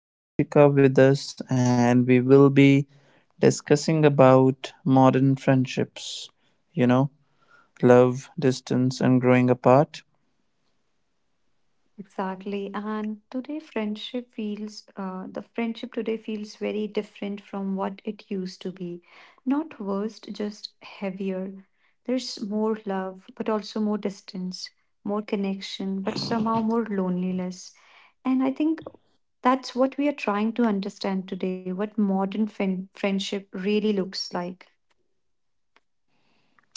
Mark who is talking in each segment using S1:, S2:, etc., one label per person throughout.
S1: we have Anshika with us and we will be discussing about modern friendships, you know, love, distance and growing apart.
S2: Exactly. And today friendship feels the friendship today feels very different from what it used to be. Not worst, just heavier. There's more love, but also more distance, more connection, but somehow more loneliness. And I think that's what we are trying to understand today, what modern friendship really looks like.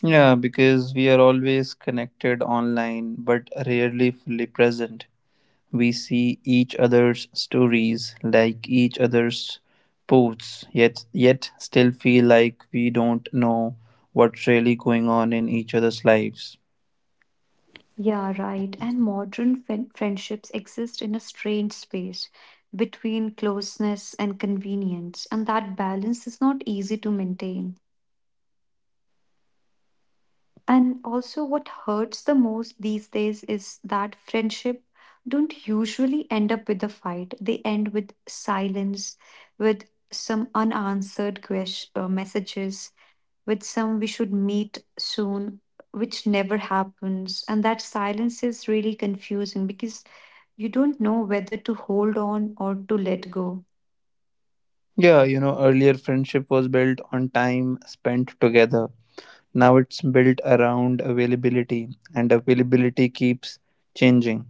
S1: Yeah, because we are always connected online but rarely fully present. We see each other's stories, like each other's posts, yet still feel like we don't know what's really going on in each other's lives.
S2: Yeah, right. And modern friendships exist in a strange space between closeness and convenience, and that balance is not easy to maintain. And also, what hurts the most these days is that friendship don't usually end up with a fight. They end with silence, with some unanswered messages, with some we should meet soon, which never happens. And that silence is really confusing because you don't know whether to hold on or to let go.
S1: Yeah, earlier friendship was built on time spent together. Now it's built around availability, and availability keeps changing.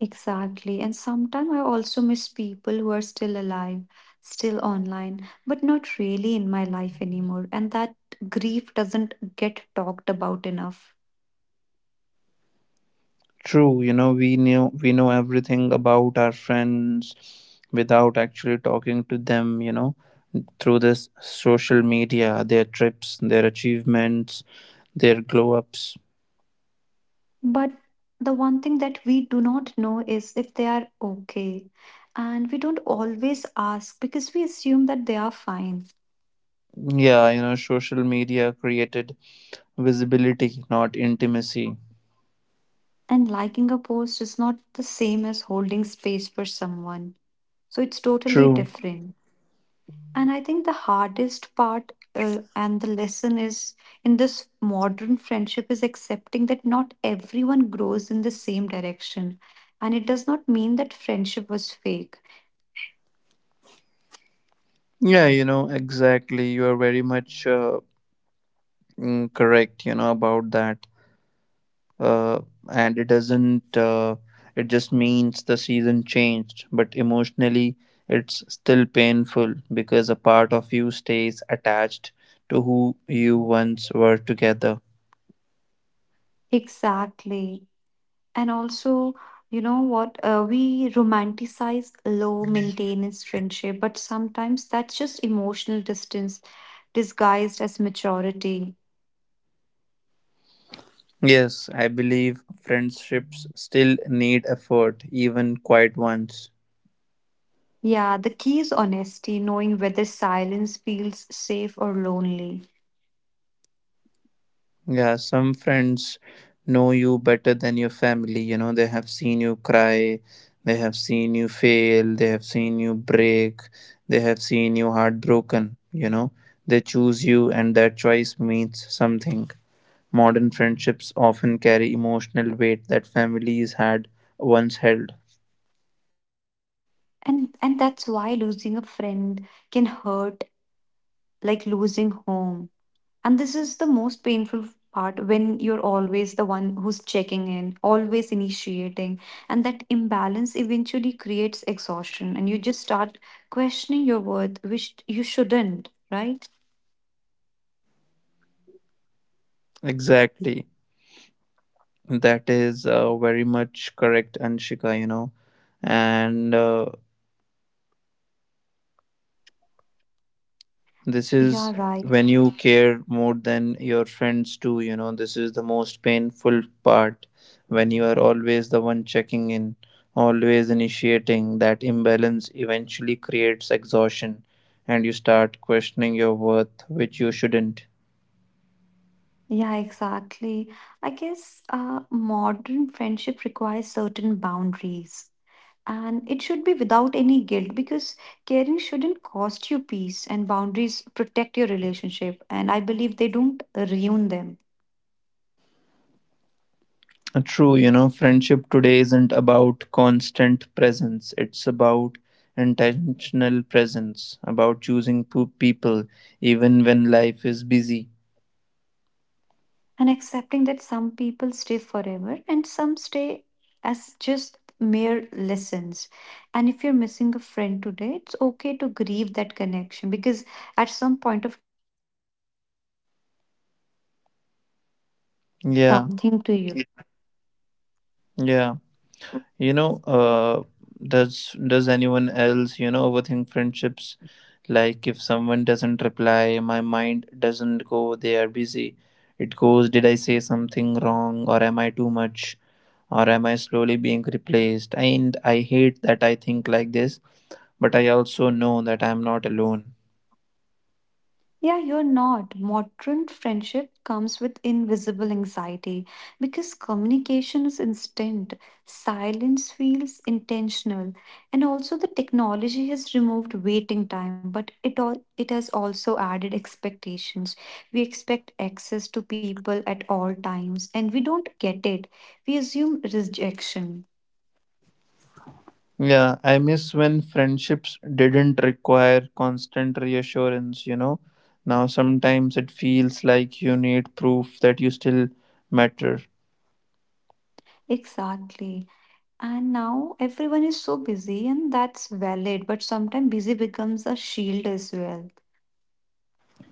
S2: Exactly. And sometimes I also miss people who are still alive, still online, but not really in my life anymore. And that grief doesn't get talked about enough.
S1: True, we know everything about our friends without actually talking to them, through this social media, their trips, their achievements, their glow ups.
S2: But the one thing that we do not know is if they are okay. And we don't always ask because we assume that they are fine.
S1: Yeah, social media created visibility, not intimacy.
S2: And liking a post is not the same as holding space for someone. So it's totally
S1: True.
S2: different. And I think the hardest part and the lesson is in this modern friendship is accepting that not everyone grows in the same direction. And it does not mean that friendship was fake.
S1: Yeah, exactly. You are very much correct, about that. Uh, and it doesn't, it just means the season changed, but emotionally, it's still painful because a part of you stays attached to who you once were together.
S2: Exactly. And also, you know what? We romanticize low maintenance friendship, but sometimes that's just emotional distance disguised as maturity.
S1: Yes, I believe friendships still need effort, even quiet ones.
S2: Yeah, the key is honesty, knowing whether silence feels safe or lonely.
S1: Yeah, some friends know you better than your family. They have seen you cry, they have seen you fail, they have seen you break, they have seen you heartbroken. They choose you, and that choice means something. Modern friendships often carry emotional weight that families had once held.
S2: And that's why losing a friend can hurt like losing home, and this is the most painful part when you're always one who's checking in, always initiating, and that imbalance eventually creates exhaustion and you just start questioning your worth, which you shouldn't, right?
S1: Exactly. That is very much correct, Anshika. And this
S2: Yeah,
S1: is
S2: right.
S1: when you care more than your friends do. This is the most painful part when you are always the one checking in, always initiating. That imbalance eventually creates exhaustion and you start questioning your worth, which you shouldn't.
S2: Yeah, exactly. I guess modern friendship requires certain boundaries. And it should be without any guilt because caring shouldn't cost you peace, and boundaries protect your relationship. And I believe they don't ruin them.
S1: True, friendship today isn't about constant presence. It's about intentional presence, about choosing people even when life is busy.
S2: And accepting that some people stay forever and some stay as just mere lessons. And if you're missing a friend today, it's okay to grieve that connection because at some point of
S1: Yeah,
S3: Something to you.
S1: yeah. You know, uh, does anyone else, overthink friendships? Like if someone doesn't reply, my mind doesn't go, they are busy. It goes, did I say something wrong or am I too much? Or am I slowly being replaced? And I hate that I think like this but I also know that I'm not alone.
S3: Yeah, you're not. Modern friendship comes with invisible anxiety because communication is instant, silence feels intentional, and also the technology has removed waiting time, but it has also added expectations. We expect access to people at all times, and we don't get it. We assume rejection.
S1: Yeah, I miss when friendships didn't require constant reassurance. Now sometimes it feels like you need proof that you still matter.
S3: Exactly. And now everyone is so busy, and that's valid, but sometimes busy becomes a shield as well.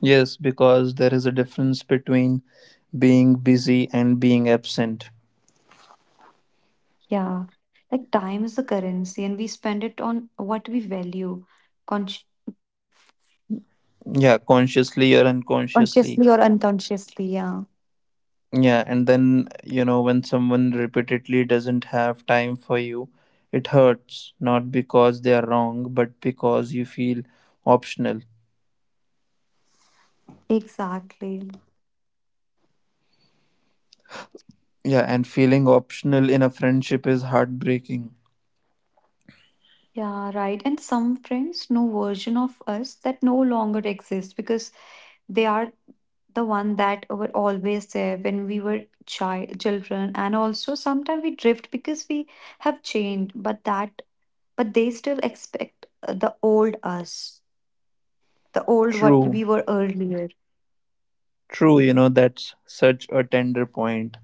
S1: Yes, because there is a difference between being busy and being absent.
S3: Yeah, like time is the currency, and we spend it on what we value, consci-
S1: Yeah, consciously or unconsciously.
S3: consciously or unconsciously. Yeah,
S1: Yeah, and then, when someone repeatedly doesn't have time for you, it hurts, not because they are wrong, but because you feel optional.
S3: exactly.
S1: Yeah, and feeling optional in a friendship is heartbreaking.
S3: Yeah, right. And some friends know version of us that no longer exists because they are the one that were always there when we were child children and also sometimes we drift because we have changed but that but they still expect the old us, the old what
S1: True,
S3: we were earlier.
S1: true, that's such a tender point.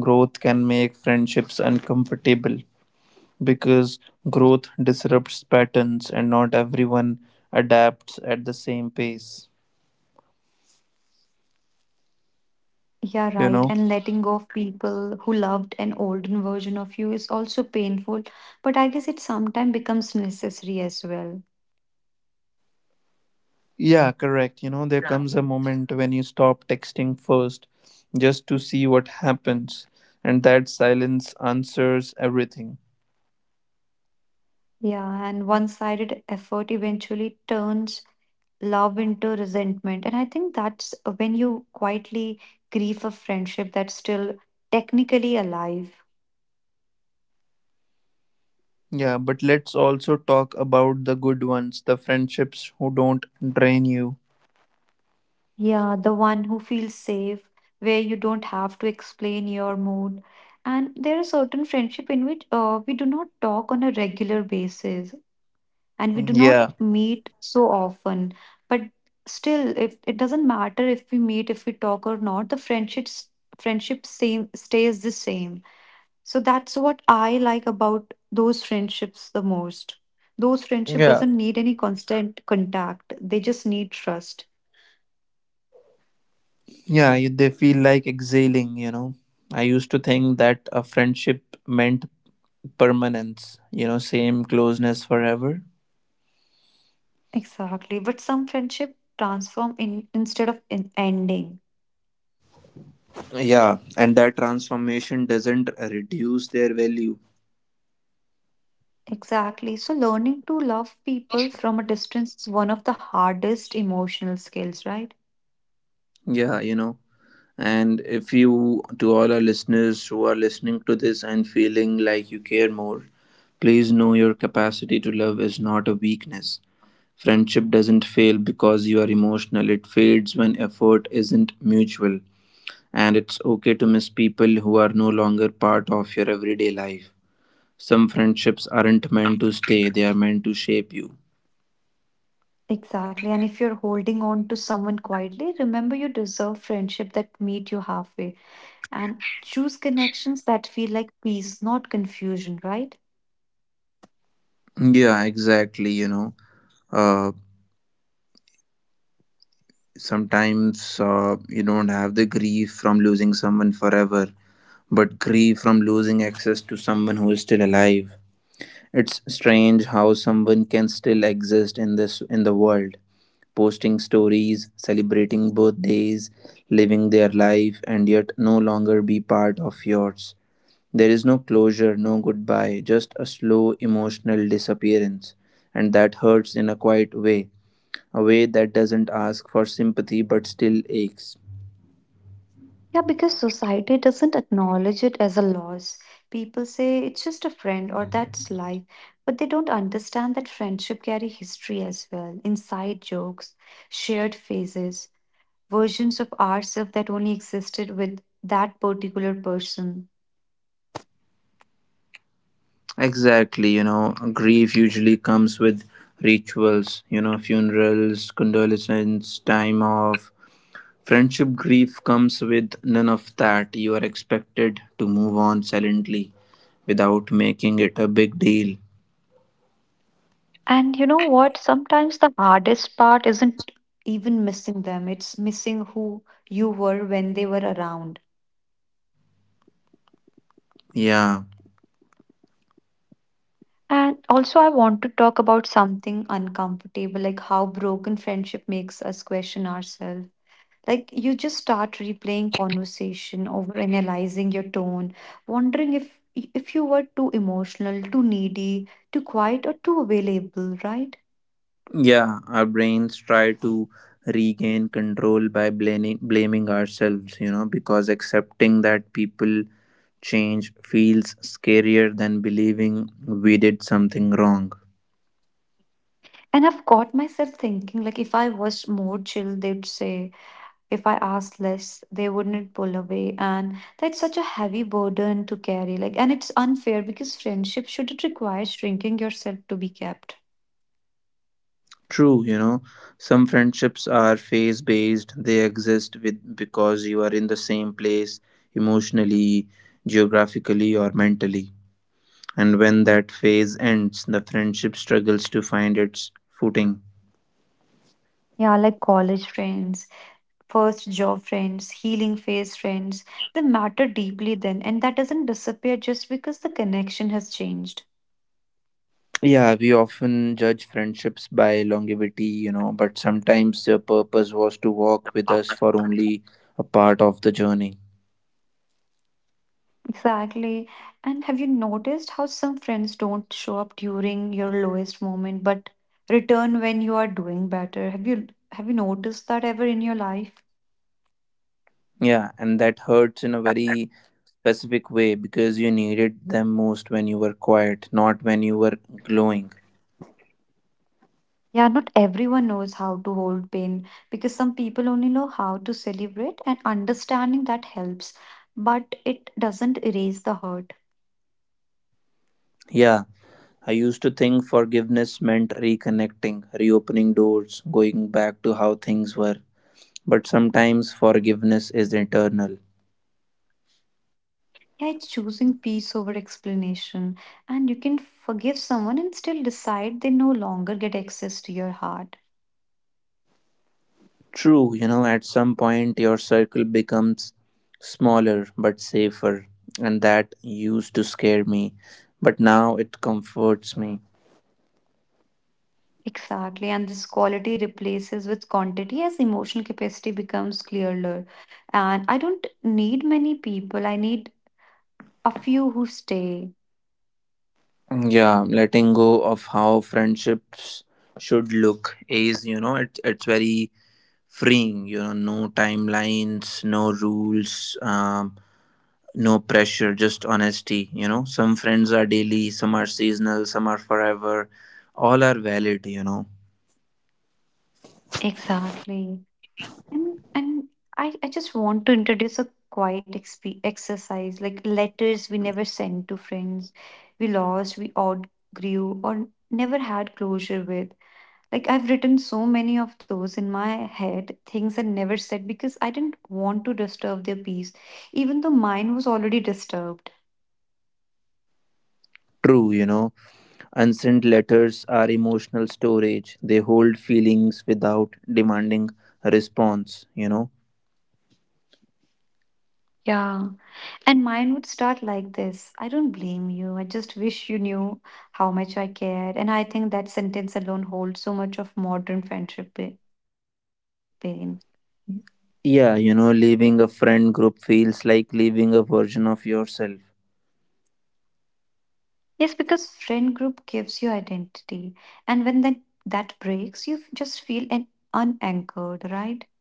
S1: Growth can make friendships uncomfortable because growth disrupts patterns and not everyone adapts at the same pace,
S3: Yeah,
S1: you
S3: right.
S1: know?
S3: And letting go of people who loved an olden version of you is also painful, but I guess it sometimes becomes necessary as well.
S1: Yeah, correct. There comes a moment when you stop texting first just to see what happens, and that silence answers everything.
S3: Yeah, and one sided effort eventually turns love into resentment. And I think that's when you quietly grieve a friendship that's still technically alive.
S1: Yeah, but let's also talk about the good ones, the friendships who don't drain you.
S3: Yeah, the one who feels safe, where you don't have to explain your mood. And there are certain friendship in which we do not talk on a regular basis and we do not
S1: Yeah,
S3: meet so often. But still, if it doesn't matter if we meet, if we talk or not, the friendship same stays the same. So that's what I like about those friendships the most. Those friendship
S1: yeah,
S3: doesn't need any constant contact. They just need trust.
S1: yeah, they feel like exhaling. I used to think that a friendship meant permanence, same closeness forever.
S3: Exactly. But some friendship transform in instead of in ending.
S1: Yeah, and that transformation doesn't reduce their value.
S3: Exactly. So learning to love people from a distance is one of the hardest emotional skills, right?
S1: Yeah, you know. And if you, to all our listeners who are listening to this and feeling like you care more, please know your capacity to love is not a weakness. Friendship doesn't fail because you are emotional, it fades when effort isn't mutual. And it's okay to miss people who are no longer part of your everyday life. Some friendships aren't meant to stay, they are meant to shape you.
S3: Exactly. And if you're holding on to someone quietly, remember you deserve friendship that meet you halfway and choose connections that feel like peace, not confusion, right?
S1: Yeah, exactly. Uh, sometimes you don't have the grief from losing someone forever but grief from losing access to someone who is still alive. It's strange how someone can still exist in this in the world, posting stories, celebrating birthdays, living their life and yet no longer be part of yours. There is no closure, no goodbye, just a slow emotional disappearance, and that hurts in a quiet way, a way that doesn't ask for sympathy but still aches.
S3: Yeah, because society doesn't acknowledge it as a loss. People say it's just a friend or that's life, but they don't understand that friendship carry history as well, inside jokes, shared phases, versions of ourselves that only existed with that particular person.
S1: Exactly, grief usually comes with rituals, funerals, condolences, time off. Friendship grief comes with none of that. You are expected to move on silently without making it a big deal.
S3: And you know what? Sometimes the hardest part isn't even missing them, it's missing who you were when they were around.
S1: Yeah,
S3: And also, I want to talk about something uncomfortable, like how broken friendship makes us question ourselves. Like you just start replaying conversation, overanalyzing your tone, wondering if you were too emotional, too needy, too quiet, or too available, right?
S1: yeah, our brains try to regain control by blaming ourselves, because accepting that people change feels scarier than believing we did something wrong.
S3: And I've caught myself thinking, like if I was more chill, they'd say, if I asked less, they wouldn't pull away. And that's such a heavy burden to carry. Like, and it's unfair because friendship shouldn't require shrinking yourself to be kept.
S1: True, some friendships are phase based. They exist with because you are in the same place emotionally, geographically or mentally. And when that phase ends, the friendship struggles to find its footing.
S3: Yeah, like college friends, first job friends, healing phase friends, they matter deeply then. And that doesn't disappear just because the connection has changed.
S1: Yeah, we often judge friendships by longevity, but sometimes their purpose was to walk with us for only a part of the journey.
S3: Exactly. And have you noticed how some friends don't show up during your lowest moment, but return when you are doing better? Have you noticed that ever in your life?
S1: Yeah, and that hurts in a very specific way because you needed them most when you were quiet, not when you were glowing.
S3: Yeah, not everyone knows how to hold pain because some people only know how to celebrate, and understanding that helps, but it doesn't erase the hurt.
S1: Yeah, I used to think forgiveness meant reconnecting, reopening doors, going back to how things were. But sometimes forgiveness is internal.
S3: Yeah, it's choosing peace over explanation, and you can forgive someone and still decide they no longer get access to your heart.
S1: True, at some point your circle becomes smaller but safer, and that used to scare me, but now it comforts me.
S3: Exactly, and this quality replaces with quantity as emotional capacity becomes clearer. And I don't need many people, I need a few who stay.
S1: Yeah, letting go of how friendships should look is it's very freeing. No timelines, no rules, no pressure, just honesty. Some friends are daily, some are seasonal, some are forever. All are valid. You know,
S3: Exactly. And I just want to introduce a quiet exercise like letters we never sent to friends we lost, we outgrew, or never had closure with. Like I've written so many of those in my head, things I never said because I didn't want to disturb their peace, even though mine was already disturbed.
S1: true. Unsent letters are emotional storage. They hold feelings without demanding a response.
S3: Yeah. And mine would start like this: I don't blame you. I just wish you knew how much I cared. And I think that sentence alone holds so much of modern friendship pain.
S1: Yeah, leaving a friend group feels like leaving a version of yourself.
S3: Yes, because friend group gives you identity. And when that breaks, you just feel an unanchored, right?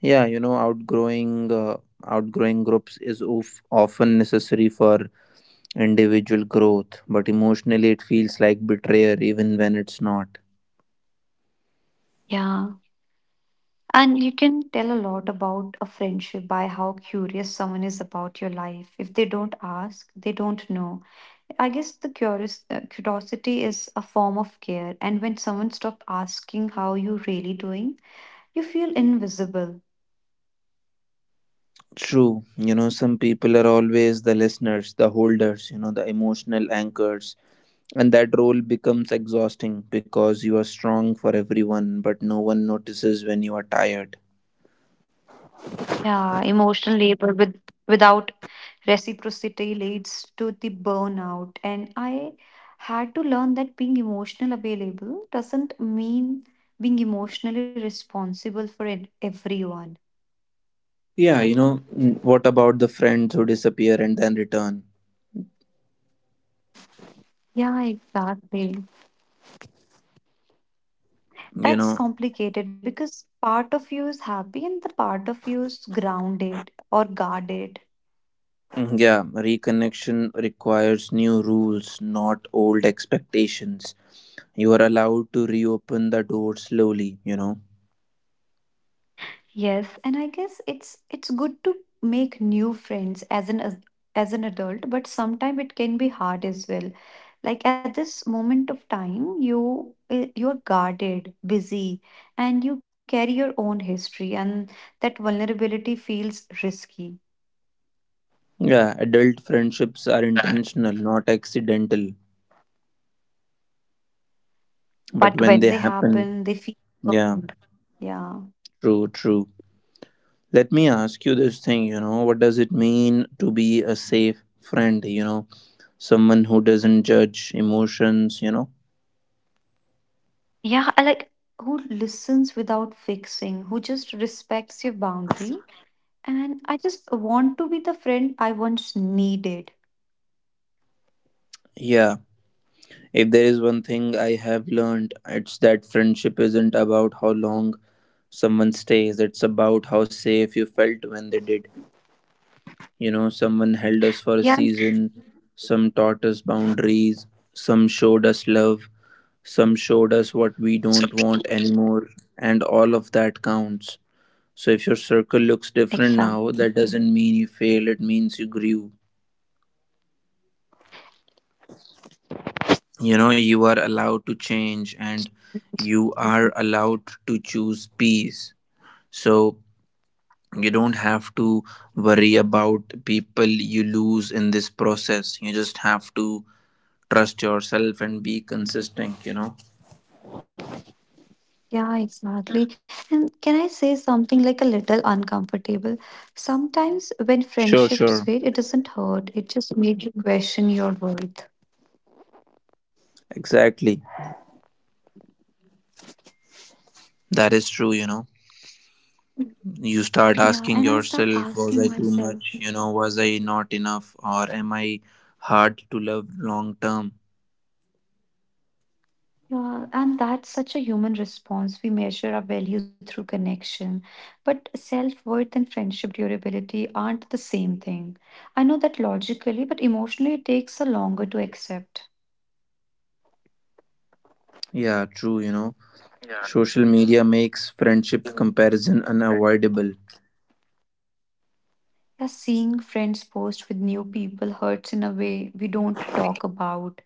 S1: Yeah, outgrowing groups is often necessary for individual growth, but emotionally it feels like betrayal even when it's not.
S3: Yeah. And you can tell a lot about a friendship by how curious someone is about your life. If they don't ask, they don't know. I guess the curiosity is a form of care, and when someone stops asking how you really doing, you feel invisible.
S1: True, some people are always the listeners, the holders, the emotional anchors, and that role becomes exhausting because you are strong for everyone, but no one notices when you are tired.
S3: Yeah, emotional labor with without reciprocity leads to the burnout, and I had to learn that being emotional available doesn't mean being emotionally responsible for it, everyone.
S1: Yeah, what about the friends who disappear and then return?
S3: Yeah, exactly.
S1: You know,
S3: That's complicated because part of you is happy and the part of you is grounded or guarded.
S1: yeah, reconnection requires new rules, not old expectations. You are allowed to reopen the door slowly.
S3: Yes, and I guess it's good to make new friends as as an adult, but sometimes it can be hard as well. Like at this moment of time, you you're guarded, busy, and you carry your own history, and that vulnerability feels risky.
S1: Yeah, adult friendships are
S3: Right.
S1: intentional, not accidental. But
S3: But
S1: when
S3: when
S1: they
S3: they
S1: happen,
S3: happen, they feel
S1: yeah,
S3: earned. Yeah.
S1: true, true. Let me ask you this thing, what does it mean to be a safe friend, someone who doesn't judge emotions, you know?
S3: Yeah, I like who listens without fixing, who just respects your boundary. And I just want to be the friend I once needed.
S1: Yeah. If there is one thing I have learned, it's that friendship isn't about how long someone stays, it's about how safe you felt when they did. Someone held us for a
S3: Yeah.
S1: season, some taught us boundaries, some showed us love, some showed us what we don't want anymore, and all of that counts. So if your circle looks different
S3: Exactly.
S1: now, that doesn't mean you failed, it means you grew. You are allowed to change, and you are allowed to choose peace. So you don't have to worry about people you lose in this process. You just have to trust yourself and be consistent
S2: Yeah, exactly. And can I say something like a little uncomfortable? Sometimes when
S1: sure, sure,
S2: friendships fade, it doesn't hurt. It just made you question your worth.
S1: exactly, that is true you start
S2: Yeah,
S1: asking
S2: and I start
S1: yourself, was
S2: asking
S1: I too
S2: myself.
S1: much was I not enough, or am I hard to love long term?
S2: Yeah, and that's such a human response. We measure our value through connection, but self worth and friendship durability aren't the same thing. I know that logically, but emotionally, it takes a longer to accept.
S1: Yeah, true Social media makes friendship comparison unavoidable.
S2: Yeah, seeing friends post with new people hurts in a way we don't talk about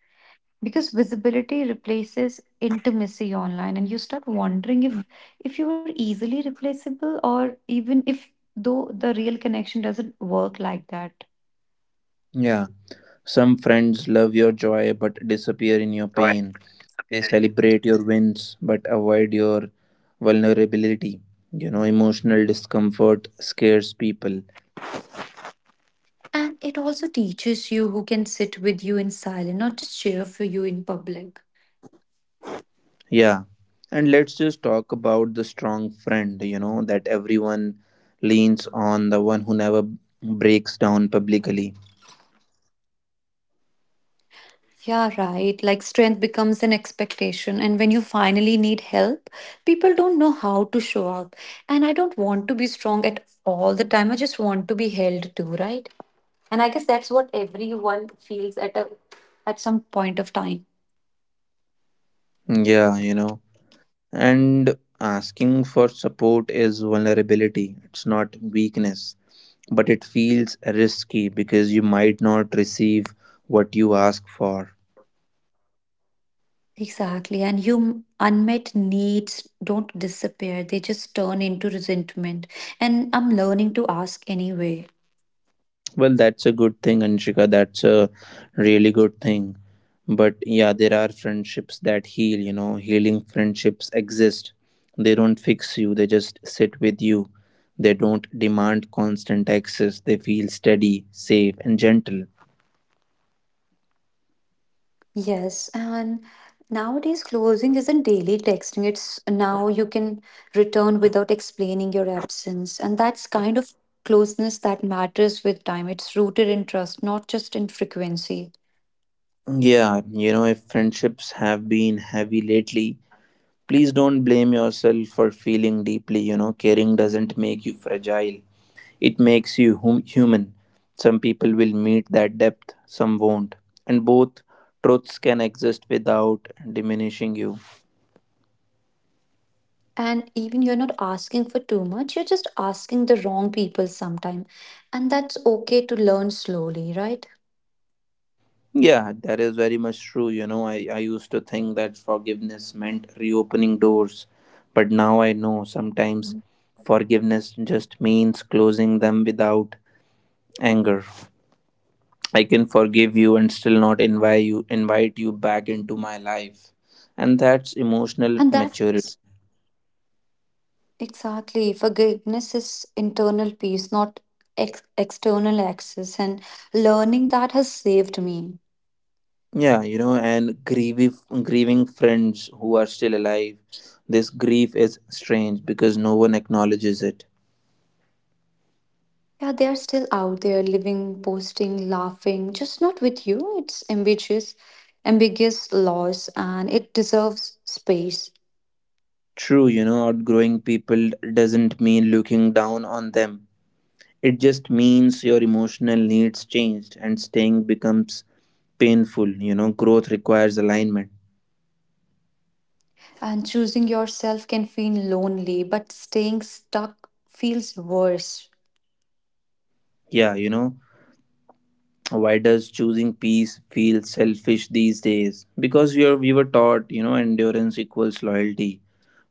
S2: because visibility replaces intimacy online, and you start wondering if you are easily replaceable or even if though the real connection doesn't work like that.
S1: Yeah. Some friends love your joy but disappear in your pain. They celebrate your wins but avoid your vulnerability. Emotional discomfort scares people.
S2: And it also teaches you who can sit with you in silence, not just cheer for you in public.
S1: Yeah. And let's just talk about the strong friend, that everyone leans on, the one who never breaks down publicly.
S2: Yeah, right. Like strength becomes an expectation. And when you finally need help, people don't know how to show up. And I don't want to be strong at all the time. I just want to be held to, right? And I guess that's what everyone feels at some point of time.
S1: Yeah. And asking for support is vulnerability, it's not weakness. But it feels risky because you might not receive what you ask for.
S2: Exactly. And you unmet needs don't disappear. They just turn into resentment. And I'm learning to ask anyway.
S1: Well, that's a good thing, Anshika. That's a really good thing. But yeah, there are friendships that heal, healing friendships exist. They don't fix you, they just sit with you. They don't demand constant access, they feel steady, safe, and gentle.
S2: Yes, and nowadays closing isn't daily texting. It's now you can return without explaining your absence. And that's kind of closeness that matters with time. It's rooted in trust, not just in frequency.
S1: Yeah, if friendships have been heavy lately, please don't blame yourself for feeling deeply. Caring doesn't make you fragile, it makes you human. Some people will meet that depth, some won't. And both truths can exist without diminishing you.
S2: And even you're not asking for too much, you're just asking the wrong people sometime. And that's okay to learn slowly, right?
S1: Yeah, that is very much true. I used to think that forgiveness meant reopening doors, but now I know sometimes forgiveness just means closing them without anger. I can forgive you and still not invite you back into my life. And that's emotional
S2: And
S1: maturity.
S2: that's Exactly. Forgiveness is internal peace, not external access. And learning that has saved me.
S1: Yeah, and grieving friends who are still alive. This grief is strange because no one acknowledges it.
S2: Yeah, they are still out there living, posting, laughing, just not with you. It's ambiguous, ambiguous loss, and it deserves space.
S1: True, outgrowing people doesn't mean looking down on them. It just means your emotional needs changed and staying becomes painful. Growth requires alignment.
S2: And choosing yourself can feel lonely, but staying stuck feels worse.
S1: Yeah, why does choosing peace feel selfish these days? Because we were taught, endurance equals loyalty,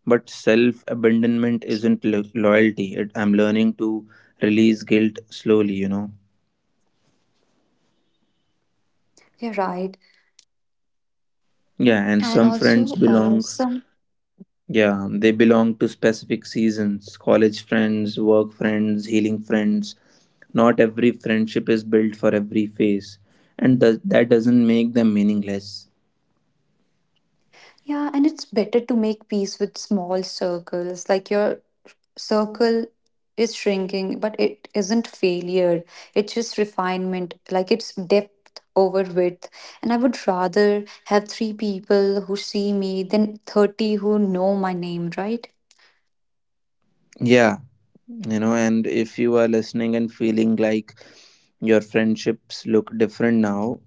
S1: but self abandonment isn't loyalty. I'm learning to release guilt slowly.
S2: You're right.
S1: Yeah, and
S2: And
S1: some friends
S2: also,
S1: belong.
S2: some
S1: Yeah, they belong to specific seasons. College friends, work friends, healing friends. Not every friendship is built for every phase, and that doesn't make them meaningless.
S2: yeah, and it's better to make peace with small circles, like your circle is shrinking, but it isn't failure. It's just refinement, like it's depth over width. And I would rather have three people who see me than 30 who know my name, right?
S1: Yeah, and if you are listening and feeling like your friendships look different now,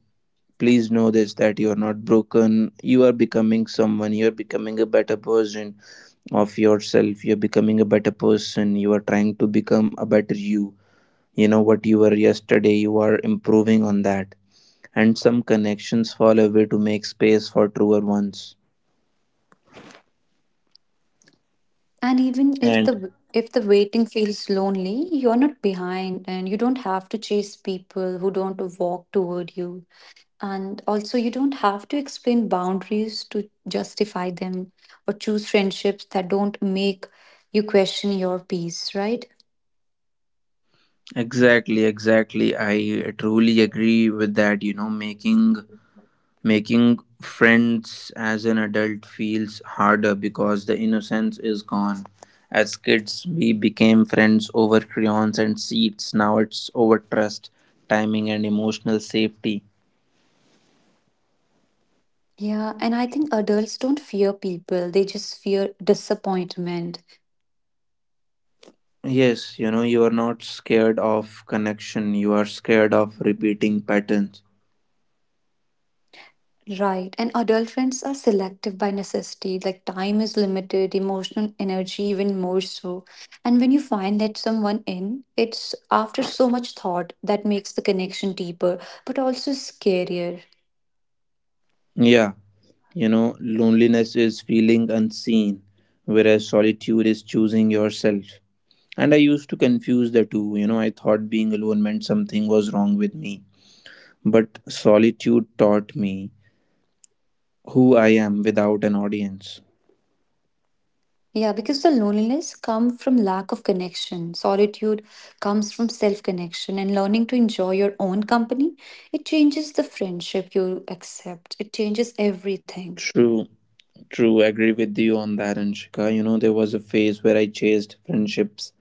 S1: please know this, that you are not broken, you are becoming someone, you are becoming a better version of yourself, you're becoming a better person, you are trying to become a better you. You know what you were yesterday, you are improving on that, and some connections fall away to make space for truer ones.
S2: And even if
S1: And
S2: the waiting feels lonely, you're not behind and you don't have to chase people who don't walk toward you. And also, you don't have to explain boundaries to justify them or choose friendships that don't make you question your peace, right?
S1: exactly, exactly, I truly agree with that Making friends as an adult feels harder because the innocence is gone. As kids, we became friends over crayons and seats. Now it's over trust, timing, and emotional safety.
S2: Yeah, and I think adults don't fear people, they just fear disappointment.
S1: Yes, you are not scared of connection, you are scared of
S2: Mm.
S1: repeating patterns.
S2: Right. And adult friends are selective by necessity, like time is limited, emotional energy even more so. And when you find that someone in, it's after so much thought that makes the connection deeper, but also scarier.
S1: Yeah, loneliness is feeling unseen, whereas solitude is choosing yourself. And I used to confuse the two. I thought being alone meant something was wrong with me. But solitude taught me who I am without an audience.
S2: Yeah, because the loneliness comes from lack of connection. Solitude comes from self connection and learning to enjoy your own company. It changes the friendship you accept, it changes everything.
S1: True, true. Agree with you on that, Anshika. There was a phase where I chased friendships,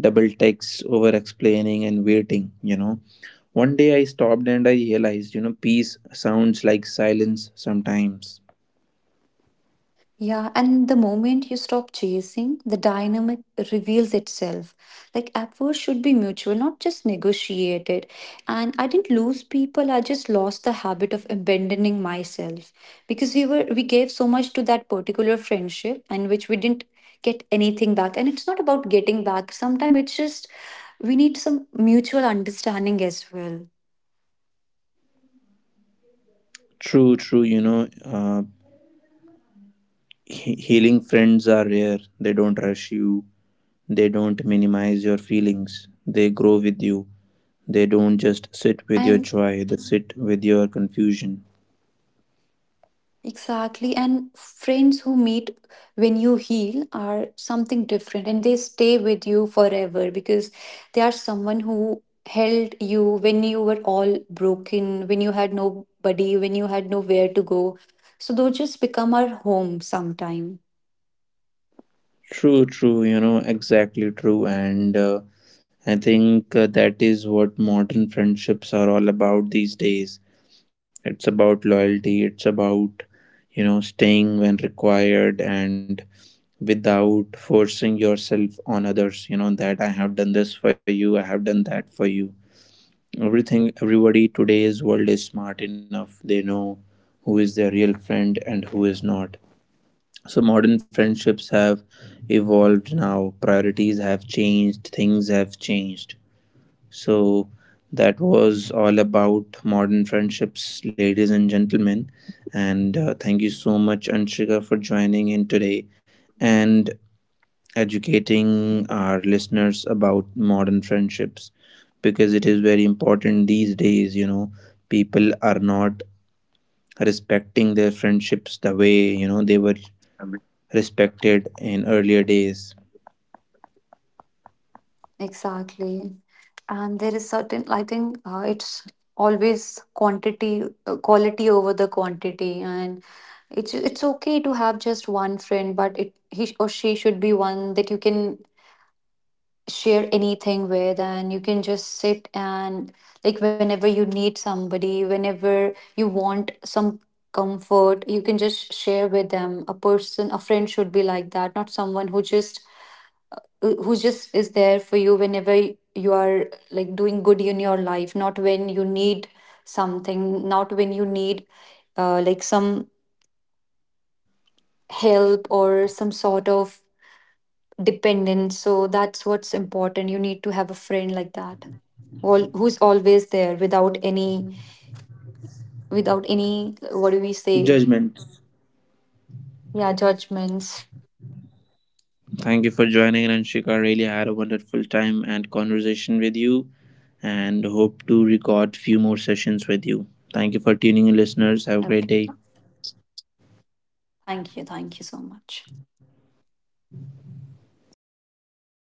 S1: double texts, over explaining and waiting. One day I stopped and I realized, peace sounds like silence sometimes.
S2: Yeah, and the moment you stop chasing, the dynamic reveals itself. Like effort should be mutual, not just negotiated. And I didn't lose people, I just lost the habit of abandoning myself. Because we gave so much to that particular friendship and which we didn't get anything back. And it's not about getting back. Sometimes it's just we need some mutual understanding as well.
S1: True, true. Healing friends are rare. They don't rush you. They don't minimize your feelings, they grow with you. They don't just sit with your
S2: And
S1: joy, they sit with your confusion.
S2: Exactly. And friends who meet when you heal are something different and they stay with you forever because they are someone who held you when you were all broken, when you had nobody, when you had nowhere to go. So those just become our home sometime.
S1: True, true, exactly true. And I think that is what modern friendships are all about these days. It's about loyalty, it's about staying when required and without forcing yourself on others, that I have done this for you, I have done that for you. Everybody, today's world is smart enough. They know who is their real friend and who is not. So modern friendships have evolved now. Priorities have changed. Things have changed. So that was all about modern friendships, ladies and gentlemen. And thank you so much, Anshika, for joining in today. And educating our listeners about modern friendships, because it is very important these days people are not respecting their friendships the way they were respected in earlier days.
S2: Exactly. And there is certain, I think it's always quality over the quantity. And it's okay to have just one friend, but it he or she should be one that you can share anything with, and you can just sit and like whenever you need somebody, whenever you want some comfort, you can just share with them. A person, a friend should be like that, not someone who just is there for you whenever you are like doing good in your life, not when you need something, not when you need like some help or some sort of dependence. So that's what's important. You need to have a friend like that. Who's always there without any, without any, what do we say?
S1: Judgment.
S2: Yeah, judgments.
S1: Thank you for joining, Anshika. Really had a wonderful time and conversation with you, and hope to record few more sessions with you. Thank you for tuning in, listeners. Have a
S2: Okay.
S1: great day.
S2: Thank you, thank you so much.